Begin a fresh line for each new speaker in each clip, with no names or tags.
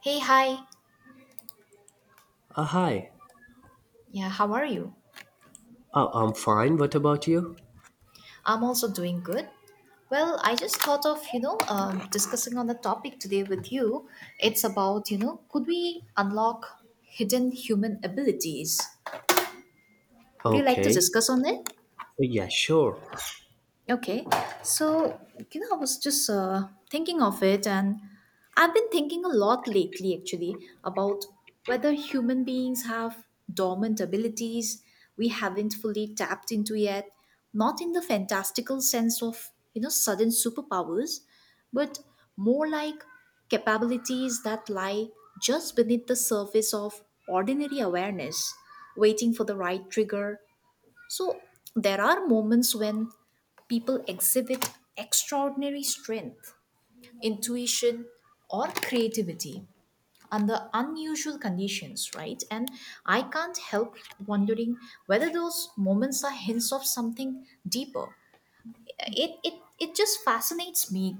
Hey, hi.
Hi.
Yeah, how are you?
Oh, I'm fine. What about you?
I'm also doing good. Well, I just thought of, discussing on the topic today with you. It's about, could we unlock hidden human abilities? Would you like to
Okay.
discuss on it?
Yeah, sure.
Okay, so I was just thinking of it, and I've been thinking a lot lately actually about whether human beings have dormant abilities we haven't fully tapped into yet, not in the fantastical sense of sudden superpowers, but more like capabilities that lie just beneath the surface of ordinary awareness, waiting for the right trigger. So there are moments when people exhibit extraordinary strength, intuition, or creativity under unusual conditions, right? And I can't help wondering whether those moments are hints of something deeper. It, it, it just fascinates me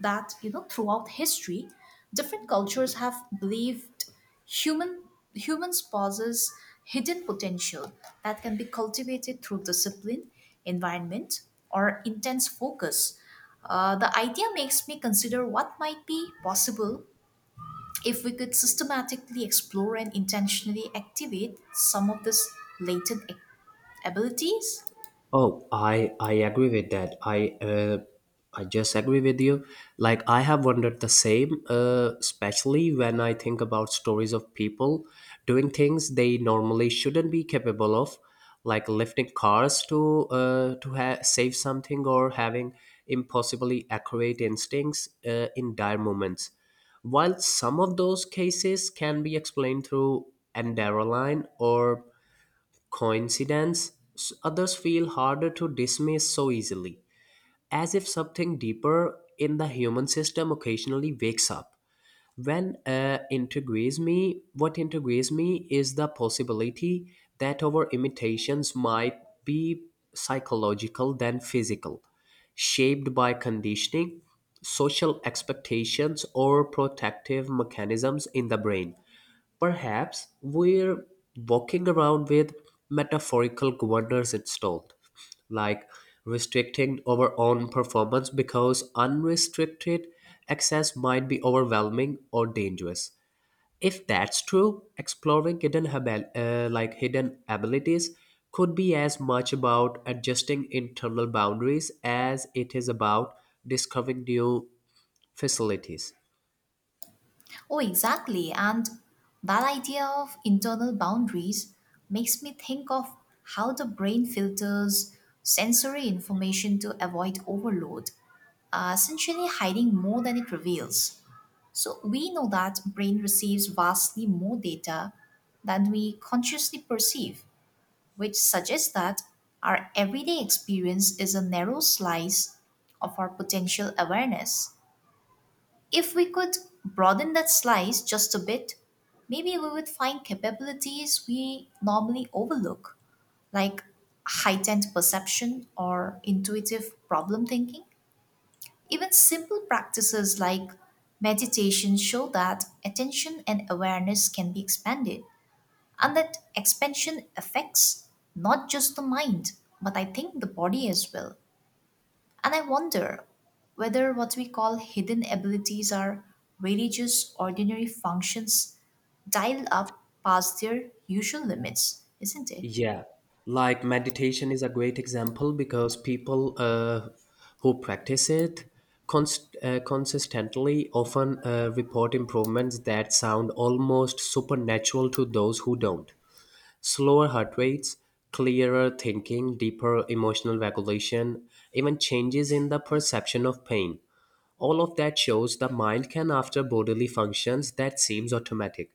that throughout history different cultures have believed human humans possess hidden potential that can be cultivated through discipline, environment, or intense focus. The idea makes me consider what might be possible if we could systematically explore and intentionally activate some of these latent abilities.
Oh, I agree with that. I just agree with you. Like I have wondered the same, especially when I think about stories of people doing things they normally shouldn't be capable of, like lifting cars to save something or having impossibly accurate instincts, in dire moments. While some of those cases can be explained through adrenaline or coincidence, others feel harder to dismiss so easily, as if something deeper in the human system occasionally wakes up. What integrates me is the possibility that our imitations might be psychological than physical, shaped by conditioning, social expectations, or protective mechanisms in the brain. Perhaps we're walking around with metaphorical governors installed, like restricting our own performance because unrestricted access might be overwhelming or dangerous. If that's true, exploring like hidden abilities could be as much about adjusting internal boundaries as it is about discovering new facilities.
Oh, exactly. And that idea of internal boundaries makes me think of how the brain filters sensory information to avoid overload, essentially hiding more than it reveals. So we know that brain receives vastly more data than we consciously perceive, which suggests that our everyday experience is a narrow slice of our potential awareness. If we could broaden that slice just a bit, maybe we would find capabilities we normally overlook, like heightened perception or intuitive problem thinking. Even simple practices like meditation show that attention and awareness can be expanded, and that expansion affects not just the mind, but I think the body as well. And I wonder whether what we call hidden abilities are really just ordinary functions dialed up past their usual limits, isn't it?
Yeah, like meditation is a great example because people, who practice it consistently often report improvements that sound almost supernatural to those who don't. Slower heart rates, clearer thinking, deeper emotional regulation, even changes in the perception of pain. All of that shows the mind can after bodily functions that seems automatic.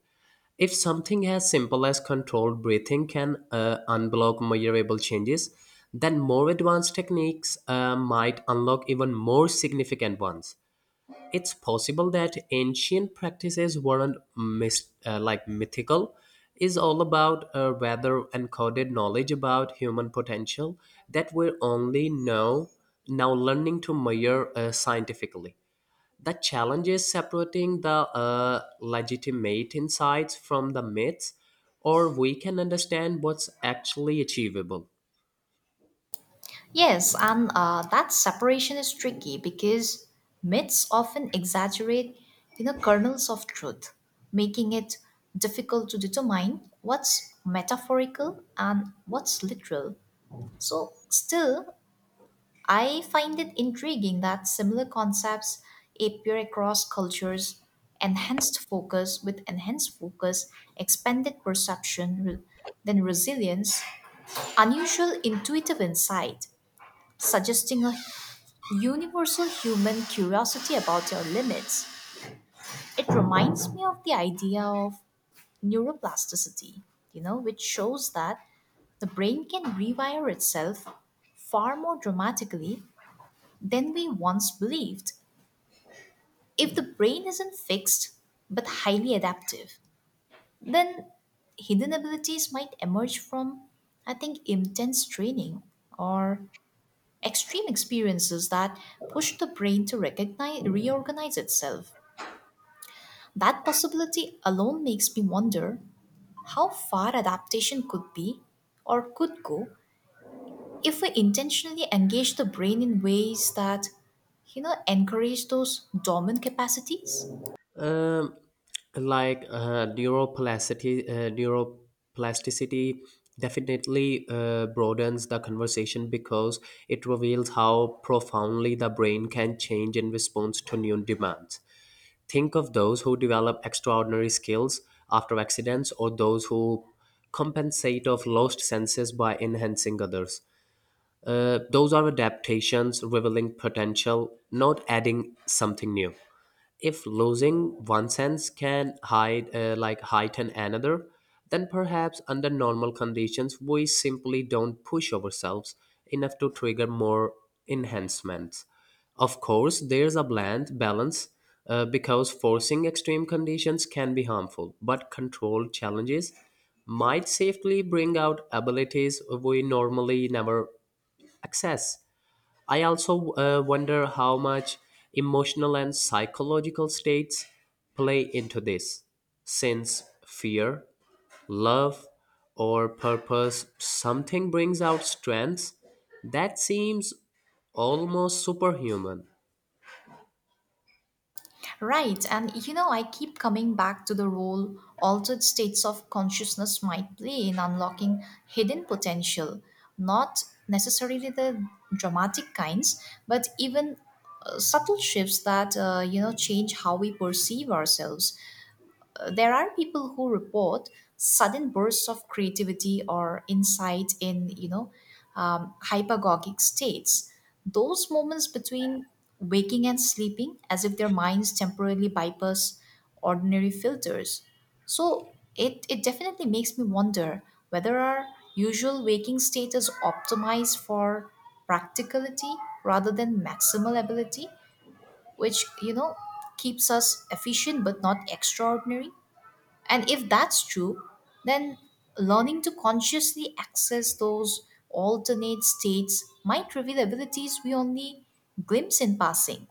If something as simple as controlled breathing can unblock measurable changes, then more advanced techniques might unlock even more significant ones. It's possible that ancient practices weren't like mythical, is all about, rather encoded knowledge about human potential that we're only now learning to measure, scientifically. The challenge is separating the legitimate insights from the myths, or we can understand what's actually achievable.
Yes, and that separation is tricky because myths often exaggerate, you know, kernels of truth, making it difficult to determine what's metaphorical and what's literal. So, still, I find it intriguing that similar concepts appear across cultures, enhanced focus, expanded perception, then resilience, unusual intuitive insight, suggesting a universal human curiosity about your limits. It reminds me of the idea of neuroplasticity, you know, which shows that the brain can rewire itself far more dramatically than we once believed. If the brain isn't fixed but highly adaptive, then hidden abilities might emerge from, I think, intense training or extreme experiences that push the brain to reorganize itself. That possibility alone makes me wonder how far adaptation could be, or could go, if we intentionally engage the brain in ways that, you know, encourage those dormant capacities.
Um, like neuroplasticity definitely broadens the conversation because it reveals how profoundly the brain can change in response to new demands. Think of those who develop extraordinary skills after accidents or those who compensate of lost senses by enhancing others. Those are adaptations revealing potential, not adding something new. If losing one sense can hide like heighten another, then perhaps under normal conditions we simply don't push ourselves enough to trigger more enhancements. Of course there's a bland balance, because forcing extreme conditions can be harmful, but controlled challenges might safely bring out abilities we normally never access. I also wonder how much emotional and psychological states play into this, since fear, love, or purpose something brings out strengths that seems almost superhuman.
Right, and you know, I keep coming back to the role altered states of consciousness might play in unlocking hidden potential, not necessarily the dramatic kinds, but even subtle shifts that, you know, change how we perceive ourselves. There are people who report sudden bursts of creativity or insight in, hypergogic states. Those moments between waking and sleeping, as if their minds temporarily bypass ordinary filters. So it definitely makes me wonder whether our usual waking state is optimized for practicality rather than maximal ability, which, you know, keeps us efficient but not extraordinary. And if that's true, then learning to consciously access those alternate states might reveal abilities we only glimpse in passing.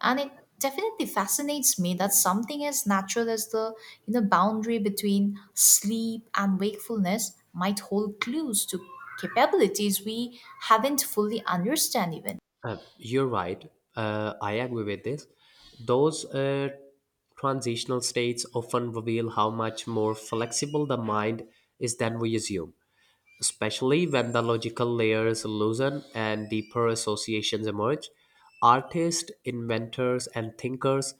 And it definitely fascinates me that something as natural as the boundary between sleep and wakefulness might hold clues to capabilities we haven't fully understand even.
You're right. I agree with this. Those transitional states often reveal how much more flexible the mind is than we assume. Especially when the logical layers loosen and deeper associations emerge. Artists, inventors, and thinkers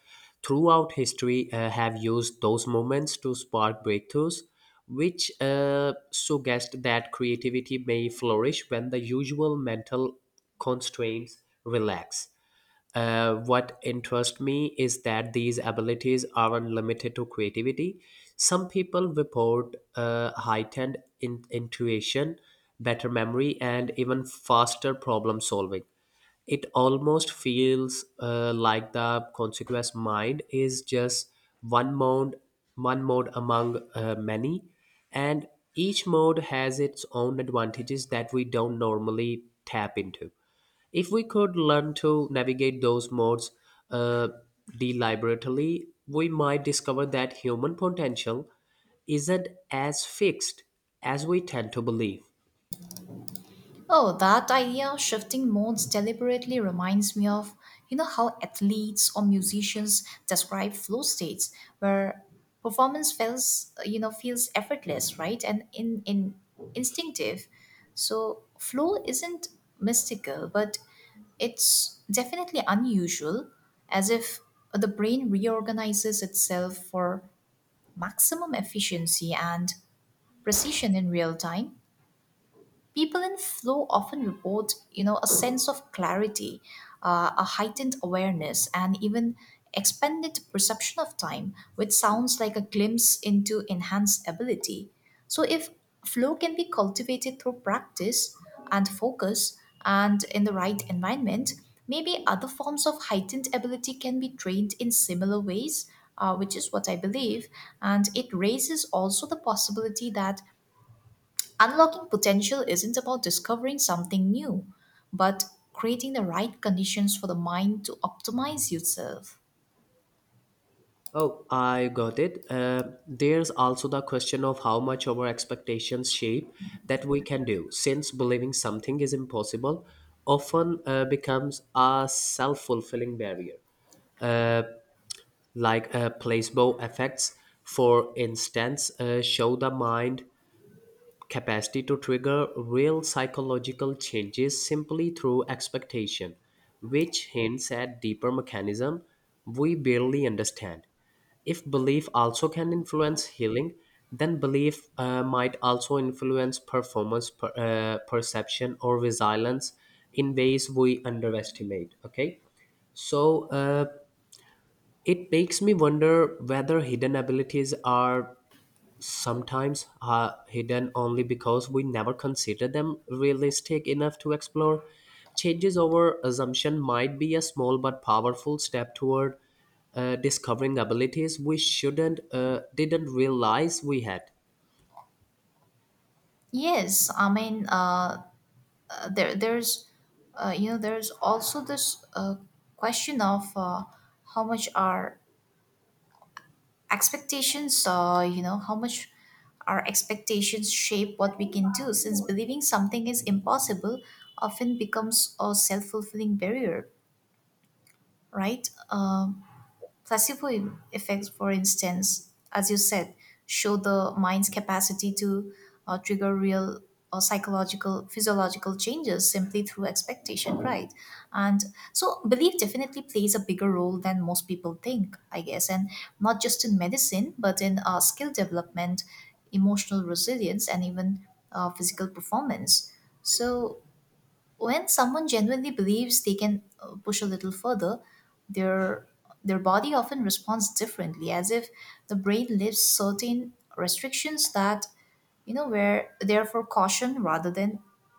throughout history have used those moments to spark breakthroughs, which suggest that creativity may flourish when the usual mental constraints relax. What interests me is that these abilities aren't limited to creativity. Some people report heightened intuition, better memory, and even faster problem solving. It almost feels, like the consequence mind is just one mode, one mode among, many, and each mode has its own advantages that we don't normally tap into. If we could learn to navigate those modes, uh, deliberately, we might discover that human potential isn't as fixed as we tend to believe.
Oh, that idea of shifting modes deliberately reminds me of, you know, how athletes or musicians describe flow states where performance feels, you know, feels effortless, right? And in instinctive. So flow isn't mystical, but it's definitely unusual, as if the brain reorganizes itself for maximum efficiency and precision in real time. People in flow often report, you know, a sense of clarity, a heightened awareness, and even expanded perception of time, which sounds like a glimpse into enhanced ability. So, if flow can be cultivated through practice and focus and in the right environment, maybe other forms of heightened ability can be trained in similar ways, which is what I believe. And it raises also the possibility that unlocking potential isn't about discovering something new, but creating the right conditions for the mind to optimize itself.
Oh, I got it. There's also the question of how much our expectations shape that we can do, since believing something is impossible often becomes a self fulfilling barrier. Like placebo effects, for instance, show the mind capacity to trigger real psychological changes simply through expectation, which hints at deeper mechanism we barely understand. If belief also can influence healing, then belief might also influence performance, perception, or resilience in ways we underestimate. Okay, so, it makes me wonder whether hidden abilities are sometimes are hidden only because we never consider them realistic enough to explore. Changes over assumption might be a small but powerful step toward, discovering abilities we shouldn't didn't realize we had.
Yes, I mean there there's you know, there's also this question of how much our expectations you know, how much our expectations shape what we can do, since believing something is impossible often becomes a self-fulfilling barrier, right? Placebo effects, for instance, as you said, show the mind's capacity to trigger real or psychological, physiological changes simply through expectation, right? And so, belief definitely plays a bigger role than most people think, I guess, and not just in medicine, but in skill development, emotional resilience, and even physical performance. So, when someone genuinely believes they can push a little further, their their body often responds differently, as if the brain lifts certain restrictions that you know where they're for caution rather than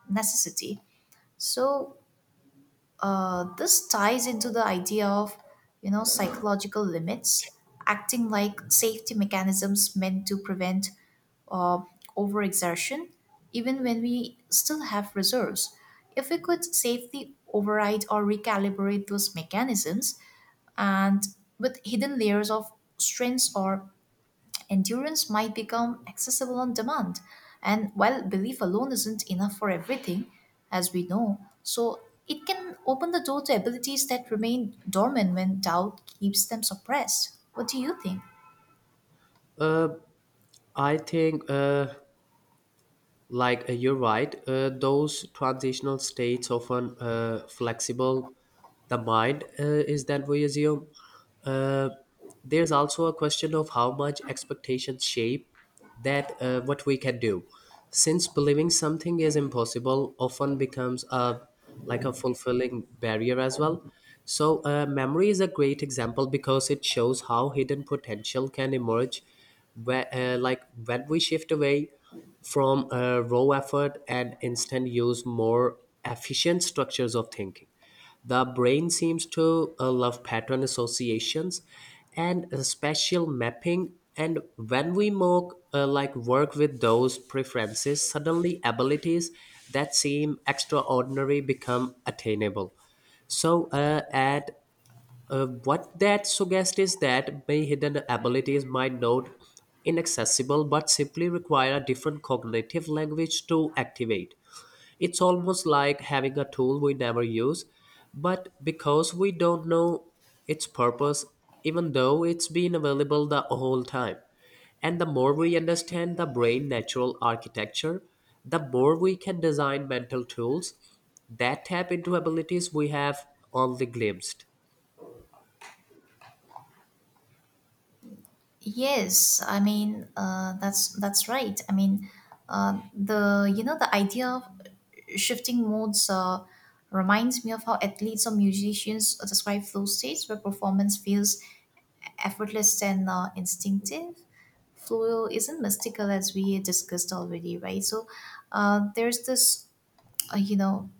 necessity. So this ties into the idea of psychological limits acting like safety mechanisms meant to prevent uh, overexertion, even when we still have reserves. If we could safely override or recalibrate those mechanisms, and with hidden layers of strengths or endurance might become accessible on demand. And while belief alone isn't enough for everything, as we know, so it can open the door to abilities that remain dormant when doubt keeps them suppressed. What do you think?
I think, like, you're right, those transitional states often, flexible the mind, is that we assume. uh, there's also a question of how much expectations shape that, what we can do, since believing something is impossible often becomes a, like, a fulfilling barrier as well. So, memory is a great example because it shows how hidden potential can emerge where, like when we shift away from raw effort and instant use more efficient structures of thinking. The brain seems to love pattern associations and spatial mapping. And when we more, like, work with those preferences, suddenly abilities that seem extraordinary become attainable. So, at what that suggests is that many hidden abilities might not inaccessible but simply require a different cognitive language to activate. It's almost like having a tool we never use, but because we don't know its purpose, even though it's been available the whole time. And the more we understand the brain natural architecture, the more we can design mental tools that tap into abilities we have only glimpsed.
Yes, that's right. I mean the you know the idea of shifting modes reminds me of how athletes or musicians describe flow states where performance feels effortless and instinctive. Flow isn't mystical as we discussed already, right? So there's this you know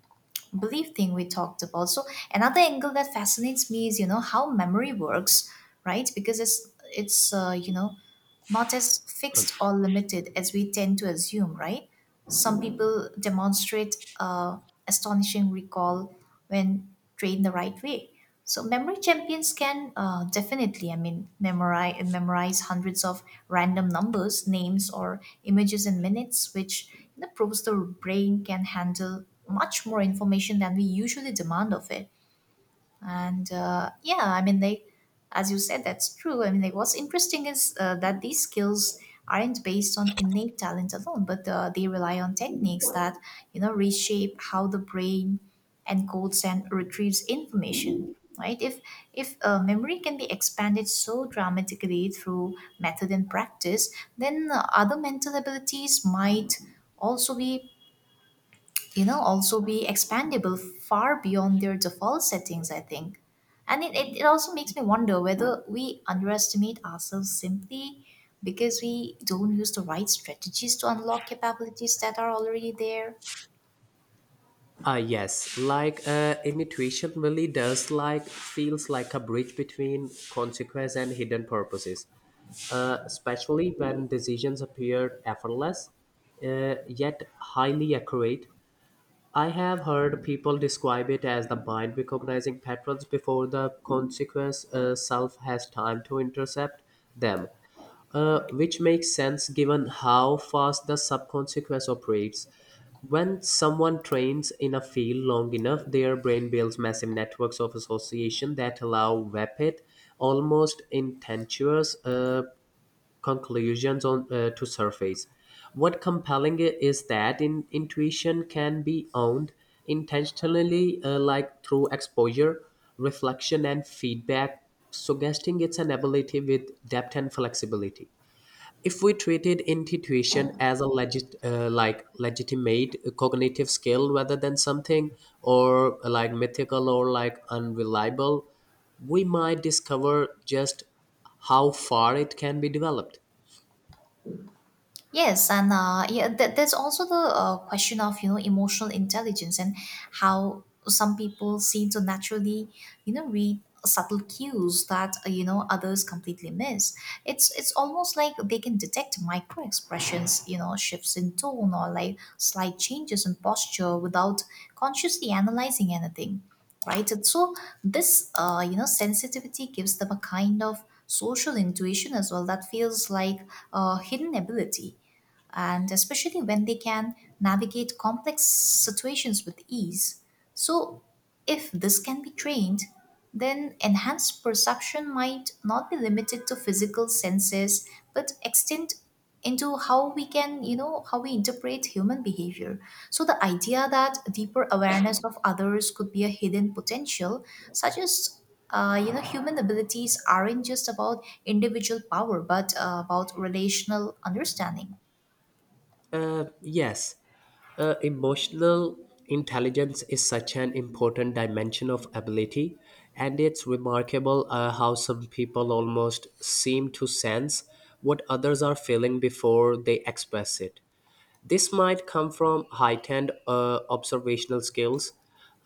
belief thing we talked about. So another angle that fascinates me is you know how memory works, right? Because it's you know, not as fixed or limited as we tend to assume, right? Some people demonstrate astonishing recall when trained the right way. So memory champions can definitely, I mean, memorize hundreds of random numbers, names, or images in minutes, which you know, proves the brain can handle much more information than we usually demand of it. And yeah, as you said, that's true. I mean, like, what's interesting is that these skills aren't based on innate talent alone, but they rely on techniques that you know reshape how the brain encodes and retrieves information, right? If memory can be expanded so dramatically through method and practice, then other mental abilities might also be you know also be expandable far beyond their default settings, I think. And it also makes me wonder whether we underestimate ourselves simply because we don't use the right strategies to unlock capabilities that are already there.
Yes, like intuition really does, like, feels like a bridge between consequence and hidden purposes, especially when decisions appear effortless, yet highly accurate. I have heard people describe it as the mind recognizing patterns before the consequence self has time to intercept them, which makes sense given how fast the subconscious operates. When someone trains in a field long enough, their brain builds massive networks of association that allow rapid, almost intangible conclusions to surface. What compelling is that in intuition can be owned intentionally, like through exposure, reflection, and feedback, suggesting it's an ability with depth and flexibility if we treated intuition as a legit like legitimate cognitive skill rather than something or like mythical or like unreliable, we might discover just how far it can be developed.
Yes, and there's also the question of you know emotional intelligence and how some people seem to naturally you know read subtle cues that you know others completely miss. It's almost like they can detect micro expressions, you know, shifts in tone or like slight changes in posture without consciously analyzing anything, right? And so this you know sensitivity gives them a kind of social intuition as well that feels like a hidden ability, and especially when they can navigate complex situations with ease. So, if this can be trained, then enhanced perception might not be limited to physical senses but extend into how we can you know how we interpret human behavior. So the idea that deeper awareness of others could be a hidden potential suggests you know human abilities aren't just about individual power, but about relational understanding.
Yes, emotional intelligence is such an important dimension of ability, and it's remarkable how some people almost seem to sense what others are feeling before they express it. This might come from heightened observational skills,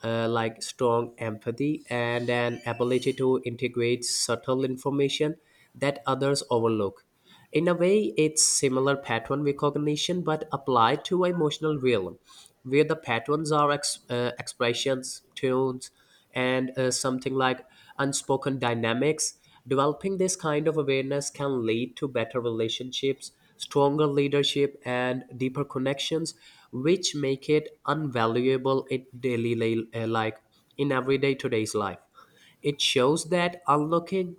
like strong empathy and an ability to integrate subtle information that others overlook. In a way, it's similar pattern recognition but applied to emotional realm, where the patterns are expressions, tunes, and something like unspoken dynamics. Developing this kind of awareness can lead to better relationships, stronger leadership, and deeper connections, which make it invaluable in like in everyday today's life. It shows that unlocking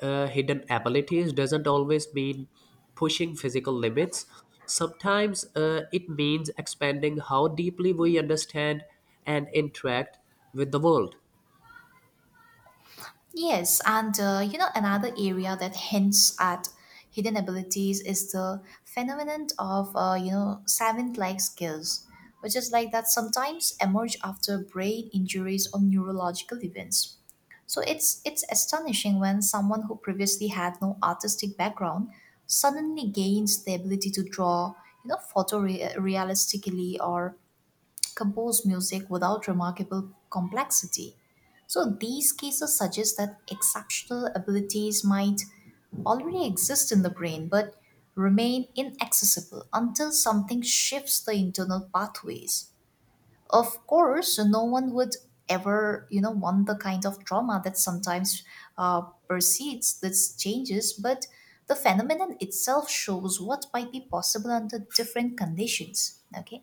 hidden abilities doesn't always mean pushing physical limits. Sometimes it means expanding how deeply we understand and interact with the world.
Yes, and you know another area that hints at hidden abilities is the phenomenon of you know savant-like skills, which is like that sometimes emerge after brain injuries or neurological events. So it's astonishing when someone who previously had no artistic background suddenly gains the ability to draw, you know, photorealistically or compose music without remarkable complexity. So, these cases suggest that exceptional abilities might already exist in the brain but remain inaccessible until something shifts the internal pathways. Of course, no one would ever, you know, want the kind of trauma that sometimes uh, precedes these changes, but the phenomenon itself shows what might be possible under different conditions. Okay.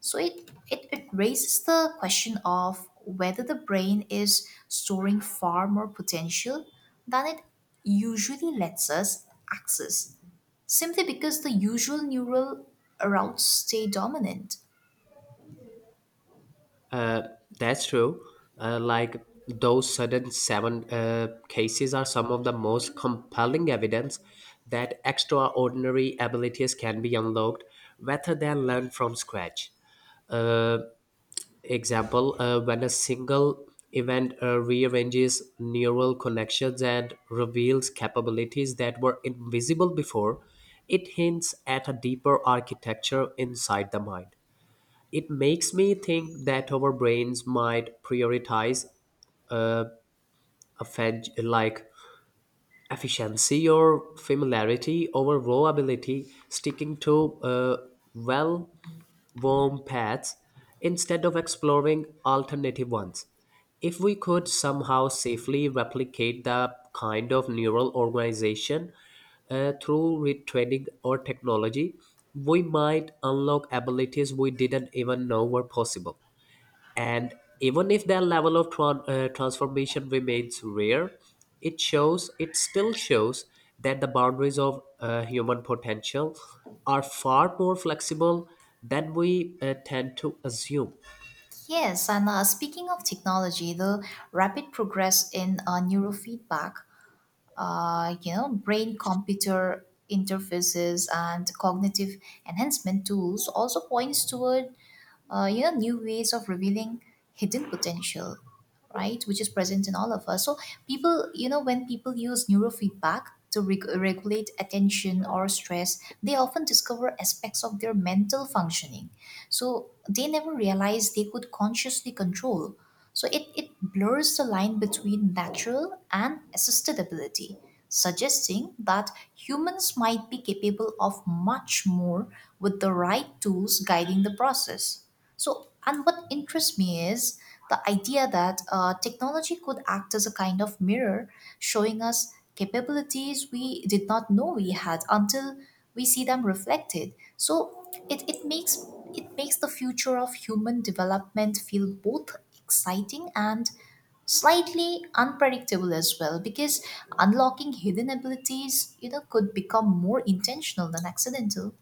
So it raises the question of whether the brain is storing far more potential than it usually lets us access, simply because the usual neural routes stay dominant.
That's true. Like those sudden seven cases are some of the most compelling evidence that extraordinary abilities can be unlocked rather than learned from scratch. Uh, Example, when a single event rearranges neural connections and reveals capabilities that were invisible before, it hints at a deeper architecture inside the mind. It makes me think that our brains might prioritize like efficiency or familiarity over raw ability, sticking to, well, worm paths instead of exploring alternative ones. If we could somehow safely replicate the kind of neural organization through retraining or technology, we might unlock abilities we didn't even know were possible. And even if their level of transformation remains rare, it still shows that the boundaries of human potential are far more flexible than we tend to assume.
Yes, and speaking of technology, the rapid progress in neurofeedback, you know, brain computer interfaces and cognitive enhancement tools also points toward new ways of revealing hidden potential, right? Which is present in all of us. So people, when people use neurofeedback to regulate attention or stress, they often discover aspects of their mental functioning so they never realized they could consciously control. So it blurs the line between natural and assisted ability, suggesting that humans might be capable of much more with the right tools guiding the process. So, and what interests me is the idea that technology could act as a kind of mirror, showing us capabilities we did not know we had until we see them reflected. So, it makes the future of human development feel both exciting and slightly unpredictable as well, because unlocking hidden abilities, could become more intentional than accidental.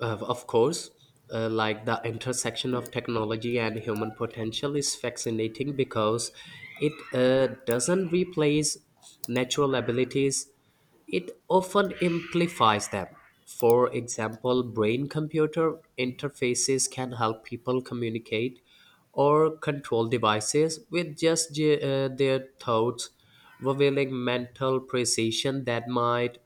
Of course, like the intersection of technology and human potential is fascinating because it doesn't replace natural abilities, it often amplifies them. For example, brain computer interfaces can help people communicate or control devices with just their thoughts, revealing mental precision that might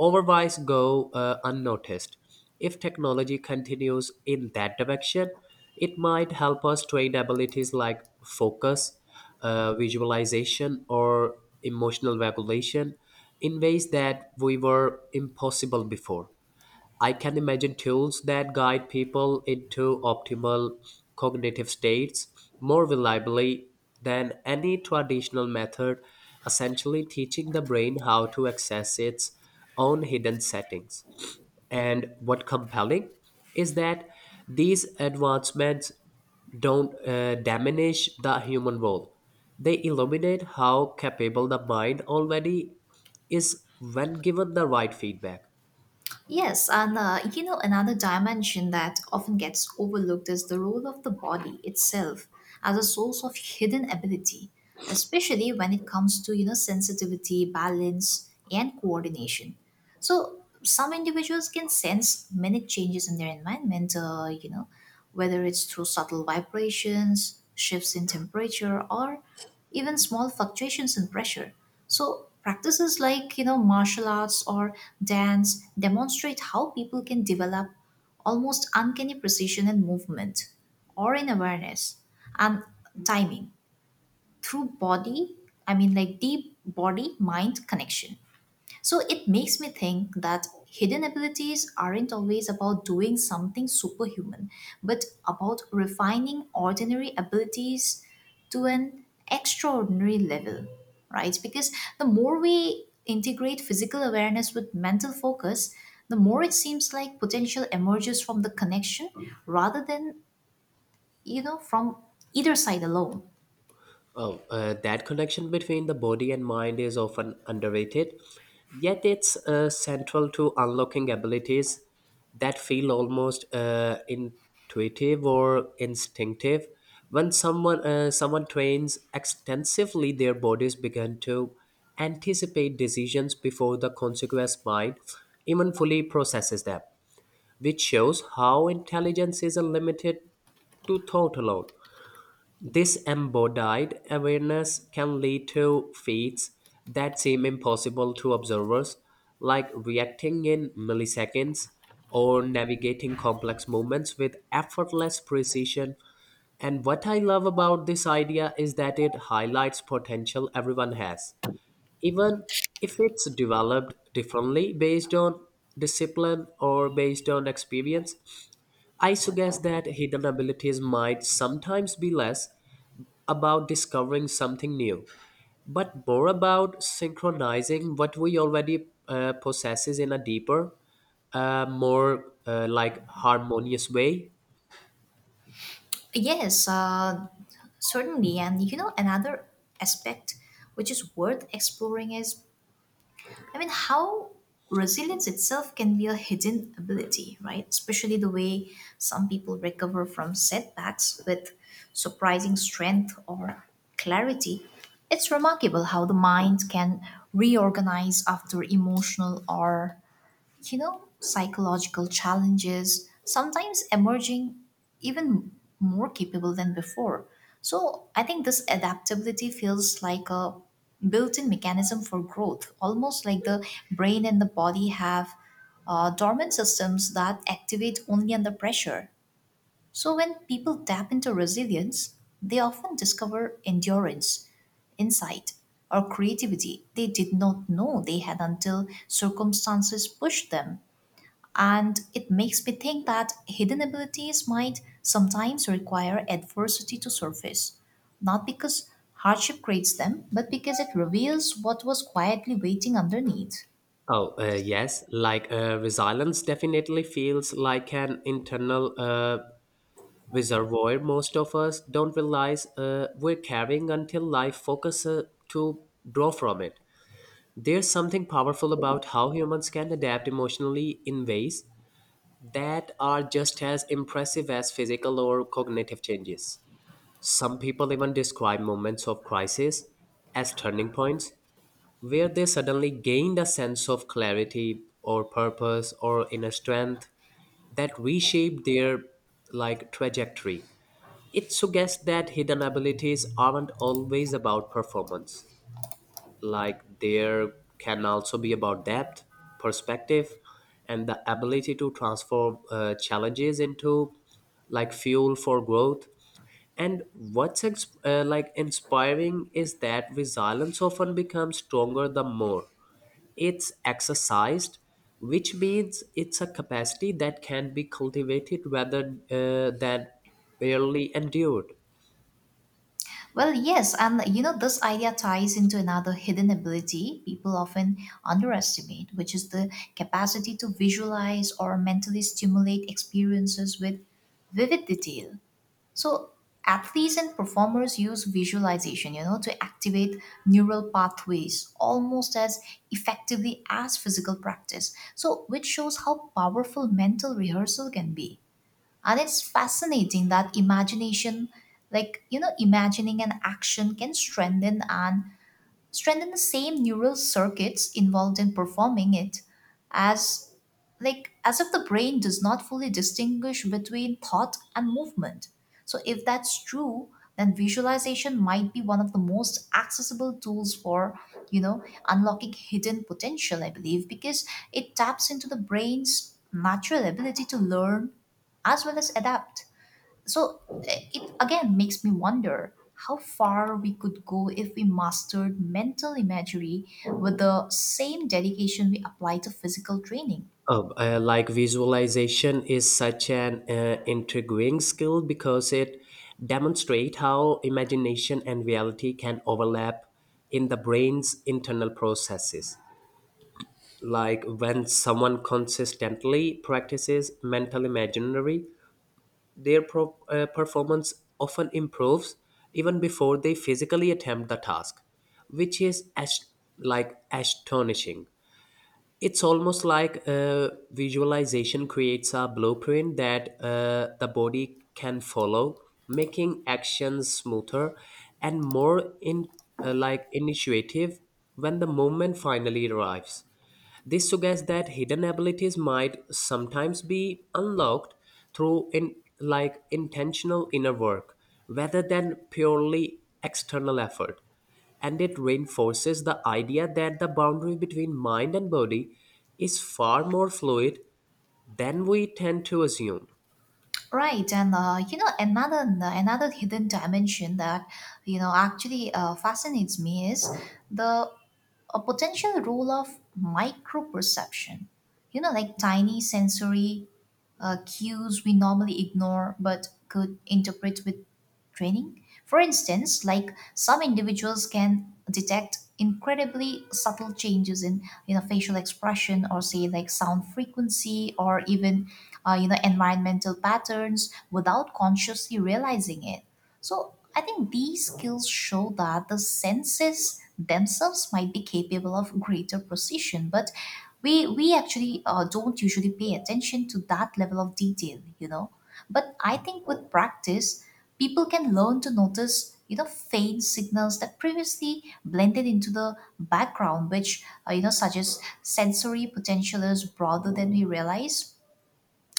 overbuys go unnoticed. If technology continues in that direction, it might help us train abilities like focus, visualization, or emotional regulation in ways that we were impossible before. I can imagine tools that guide people into optimal cognitive states more reliably than any traditional method, essentially teaching the brain how to access its own hidden settings. And what compelling is that these advancements don't diminish the human role. They illuminate how capable the mind already is when given the right feedback.
Yes, and you know, another dimension that often gets overlooked is the role of the body itself as a source of hidden ability, especially when it comes to, sensitivity, balance, and coordination. So, some individuals can sense minute changes in their environment, whether it's through subtle vibrations, shifts in temperature, or even small fluctuations in pressure. So, practices like, martial arts or dance demonstrate how people can develop almost uncanny precision in movement or in awareness and timing through body, I mean, like deep body mind connection. So it makes me think that hidden abilities aren't always about doing something superhuman, but about refining ordinary abilities to an extraordinary level, right? Because the more we integrate physical awareness with mental focus, the more it seems like potential emerges from the connection rather than, from either side alone.
Oh, that connection between the body and mind is often underrated, yet it's central to unlocking abilities that feel almost intuitive or instinctive. When someone trains extensively, their bodies begin to anticipate decisions before the consequence mind even fully processes them, which shows how intelligence is limited to thought alone. This embodied awareness can lead to feats that seem impossible to observers, like reacting in milliseconds or navigating complex movements with effortless precision. And what I love about this idea is that it highlights potential everyone has, even if it's developed differently based on discipline or based on experience. I suggest that hidden abilities might sometimes be less about discovering something new, but more about synchronizing what we already possesses in a deeper, more like harmonious way.
Yes, certainly. And you know, another aspect which is worth exploring is, I mean, how resilience itself can be a hidden ability, right? Especially the way some people recover from setbacks with surprising strength or clarity. It's remarkable how the mind can reorganize after emotional or you know, psychological challenges, sometimes emerging even more capable than before. So I think this adaptability feels like a built in mechanism for growth, almost like the brain and the body have dormant systems that activate only under pressure. So when people tap into resilience, they often discover endurance, insight, or creativity they did not know they had until circumstances pushed them. And it makes me think that hidden abilities might sometimes require adversity to surface, not because hardship creates them, but because it reveals what was quietly waiting underneath.
Oh, yes, like resilience definitely feels like an internal reservoir most of us don't realize we're carrying until life focuses to draw from it. There's something powerful about how humans can adapt emotionally in ways that are just as impressive as physical or cognitive changes. Some people even describe moments of crisis as turning points where they suddenly gained a sense of clarity or purpose or inner strength that reshaped their, like, trajectory. It suggests that hidden abilities aren't always about performance, like there can also be about depth perspective and the ability to transform challenges into, like, fuel for growth. And what's like inspiring is that resilience often becomes stronger the more it's exercised, which means it's a capacity that can be cultivated rather than barely endured.
Well, yes, and you know, this idea ties into another hidden ability people often underestimate, which is the capacity to visualize or mentally stimulate experiences with vivid detail. So athletes and performers use visualization, to activate neural pathways almost as effectively as physical practice. So which shows how powerful mental rehearsal can be. And it's fascinating that imagination, like imagining an action can strengthen the same neural circuits involved in performing it, as like as if the brain does not fully distinguish between thought and movement. So if that's true, then visualization might be one of the most accessible tools for, you know unlocking hidden potential, I believe, because it taps into the brain's natural ability to learn as well as adapt. So it again makes me wonder how far we could go if we mastered mental imagery with the same dedication we apply to physical training.
Like visualization is such an intriguing skill because it demonstrates how imagination and reality can overlap in the brain's internal processes. Like when someone consistently practices mental imaginary, their performance often improves even before they physically attempt the task, which is like astonishing. It's almost like visualization creates a blueprint that, the body can follow, making actions smoother and more in like initiative when the moment finally arrives. This suggests that hidden abilities might sometimes be unlocked through in like intentional inner work rather than purely external effort. And it reinforces the idea that the boundary between mind and body is far more fluid than we tend to assume.
Right, and you know, another hidden dimension that you know actually fascinates me is the a potential role of micro perception. You know, like tiny sensory cues we normally ignore but could interpret with training. For instance, like some individuals can detect incredibly subtle changes in facial expression, or say like sound frequency, or even environmental patterns without consciously realizing it. So I think these skills show that the senses themselves might be capable of greater precision, but we actually don't usually pay attention to that level of detail, you know. But I think with practice, people can learn to notice, faint signals that previously blended into the background, which, suggest sensory potential is broader than we realize.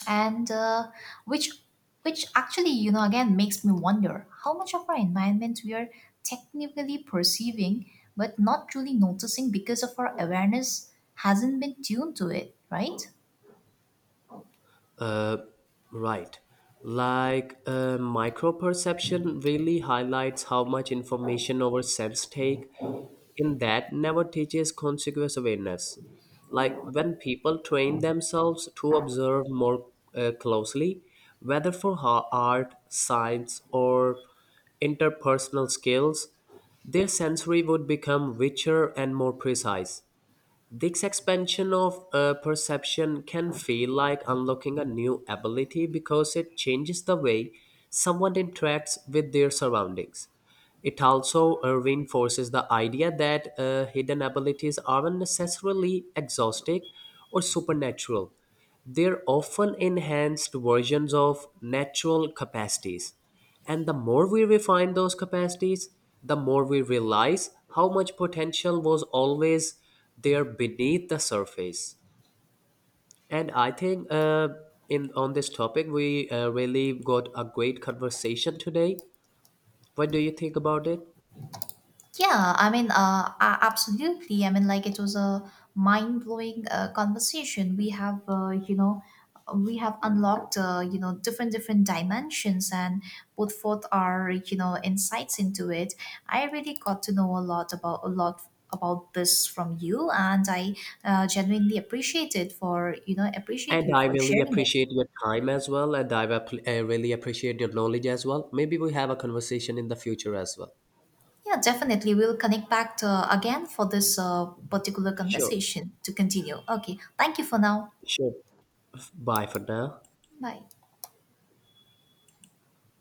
And which, which actually, again makes me wonder how much of our environment we are technically perceiving, but not truly noticing because of our awareness hasn't been tuned to it, right?
Uh, right. Like micro perception really highlights how much information our sense take in that never teaches consequence awareness. Like when people train themselves to observe more closely, whether for art, science, or interpersonal skills, their sensory would become richer and more precise. This expansion of perception can feel like unlocking a new ability because it changes the way someone interacts with their surroundings. It also reinforces the idea that hidden abilities aren't necessarily exhaustive or supernatural. They're often enhanced versions of natural capacities. And the more we refine those capacities, the more we realize how much potential was always there beneath the surface. And I think, in on this topic, we really got a great conversation today. What do you think about it?
Yeah, I mean, absolutely. I mean, like it was a mind-blowing conversation. We have, we have unlocked, different dimensions and put forth our, insights into it. I really got to know a lot about this from you, and I genuinely appreciate it for, appreciate
And
you
I
for
really
sharing it.
appreciate your time as well, and I really appreciate your knowledge as well. Maybe we have a conversation in the future as well.
Yeah, definitely. We'll connect back to, again for this particular
Sure,
conversation to continue. Okay, thank you for now.
sure. Bye for now.
Bye.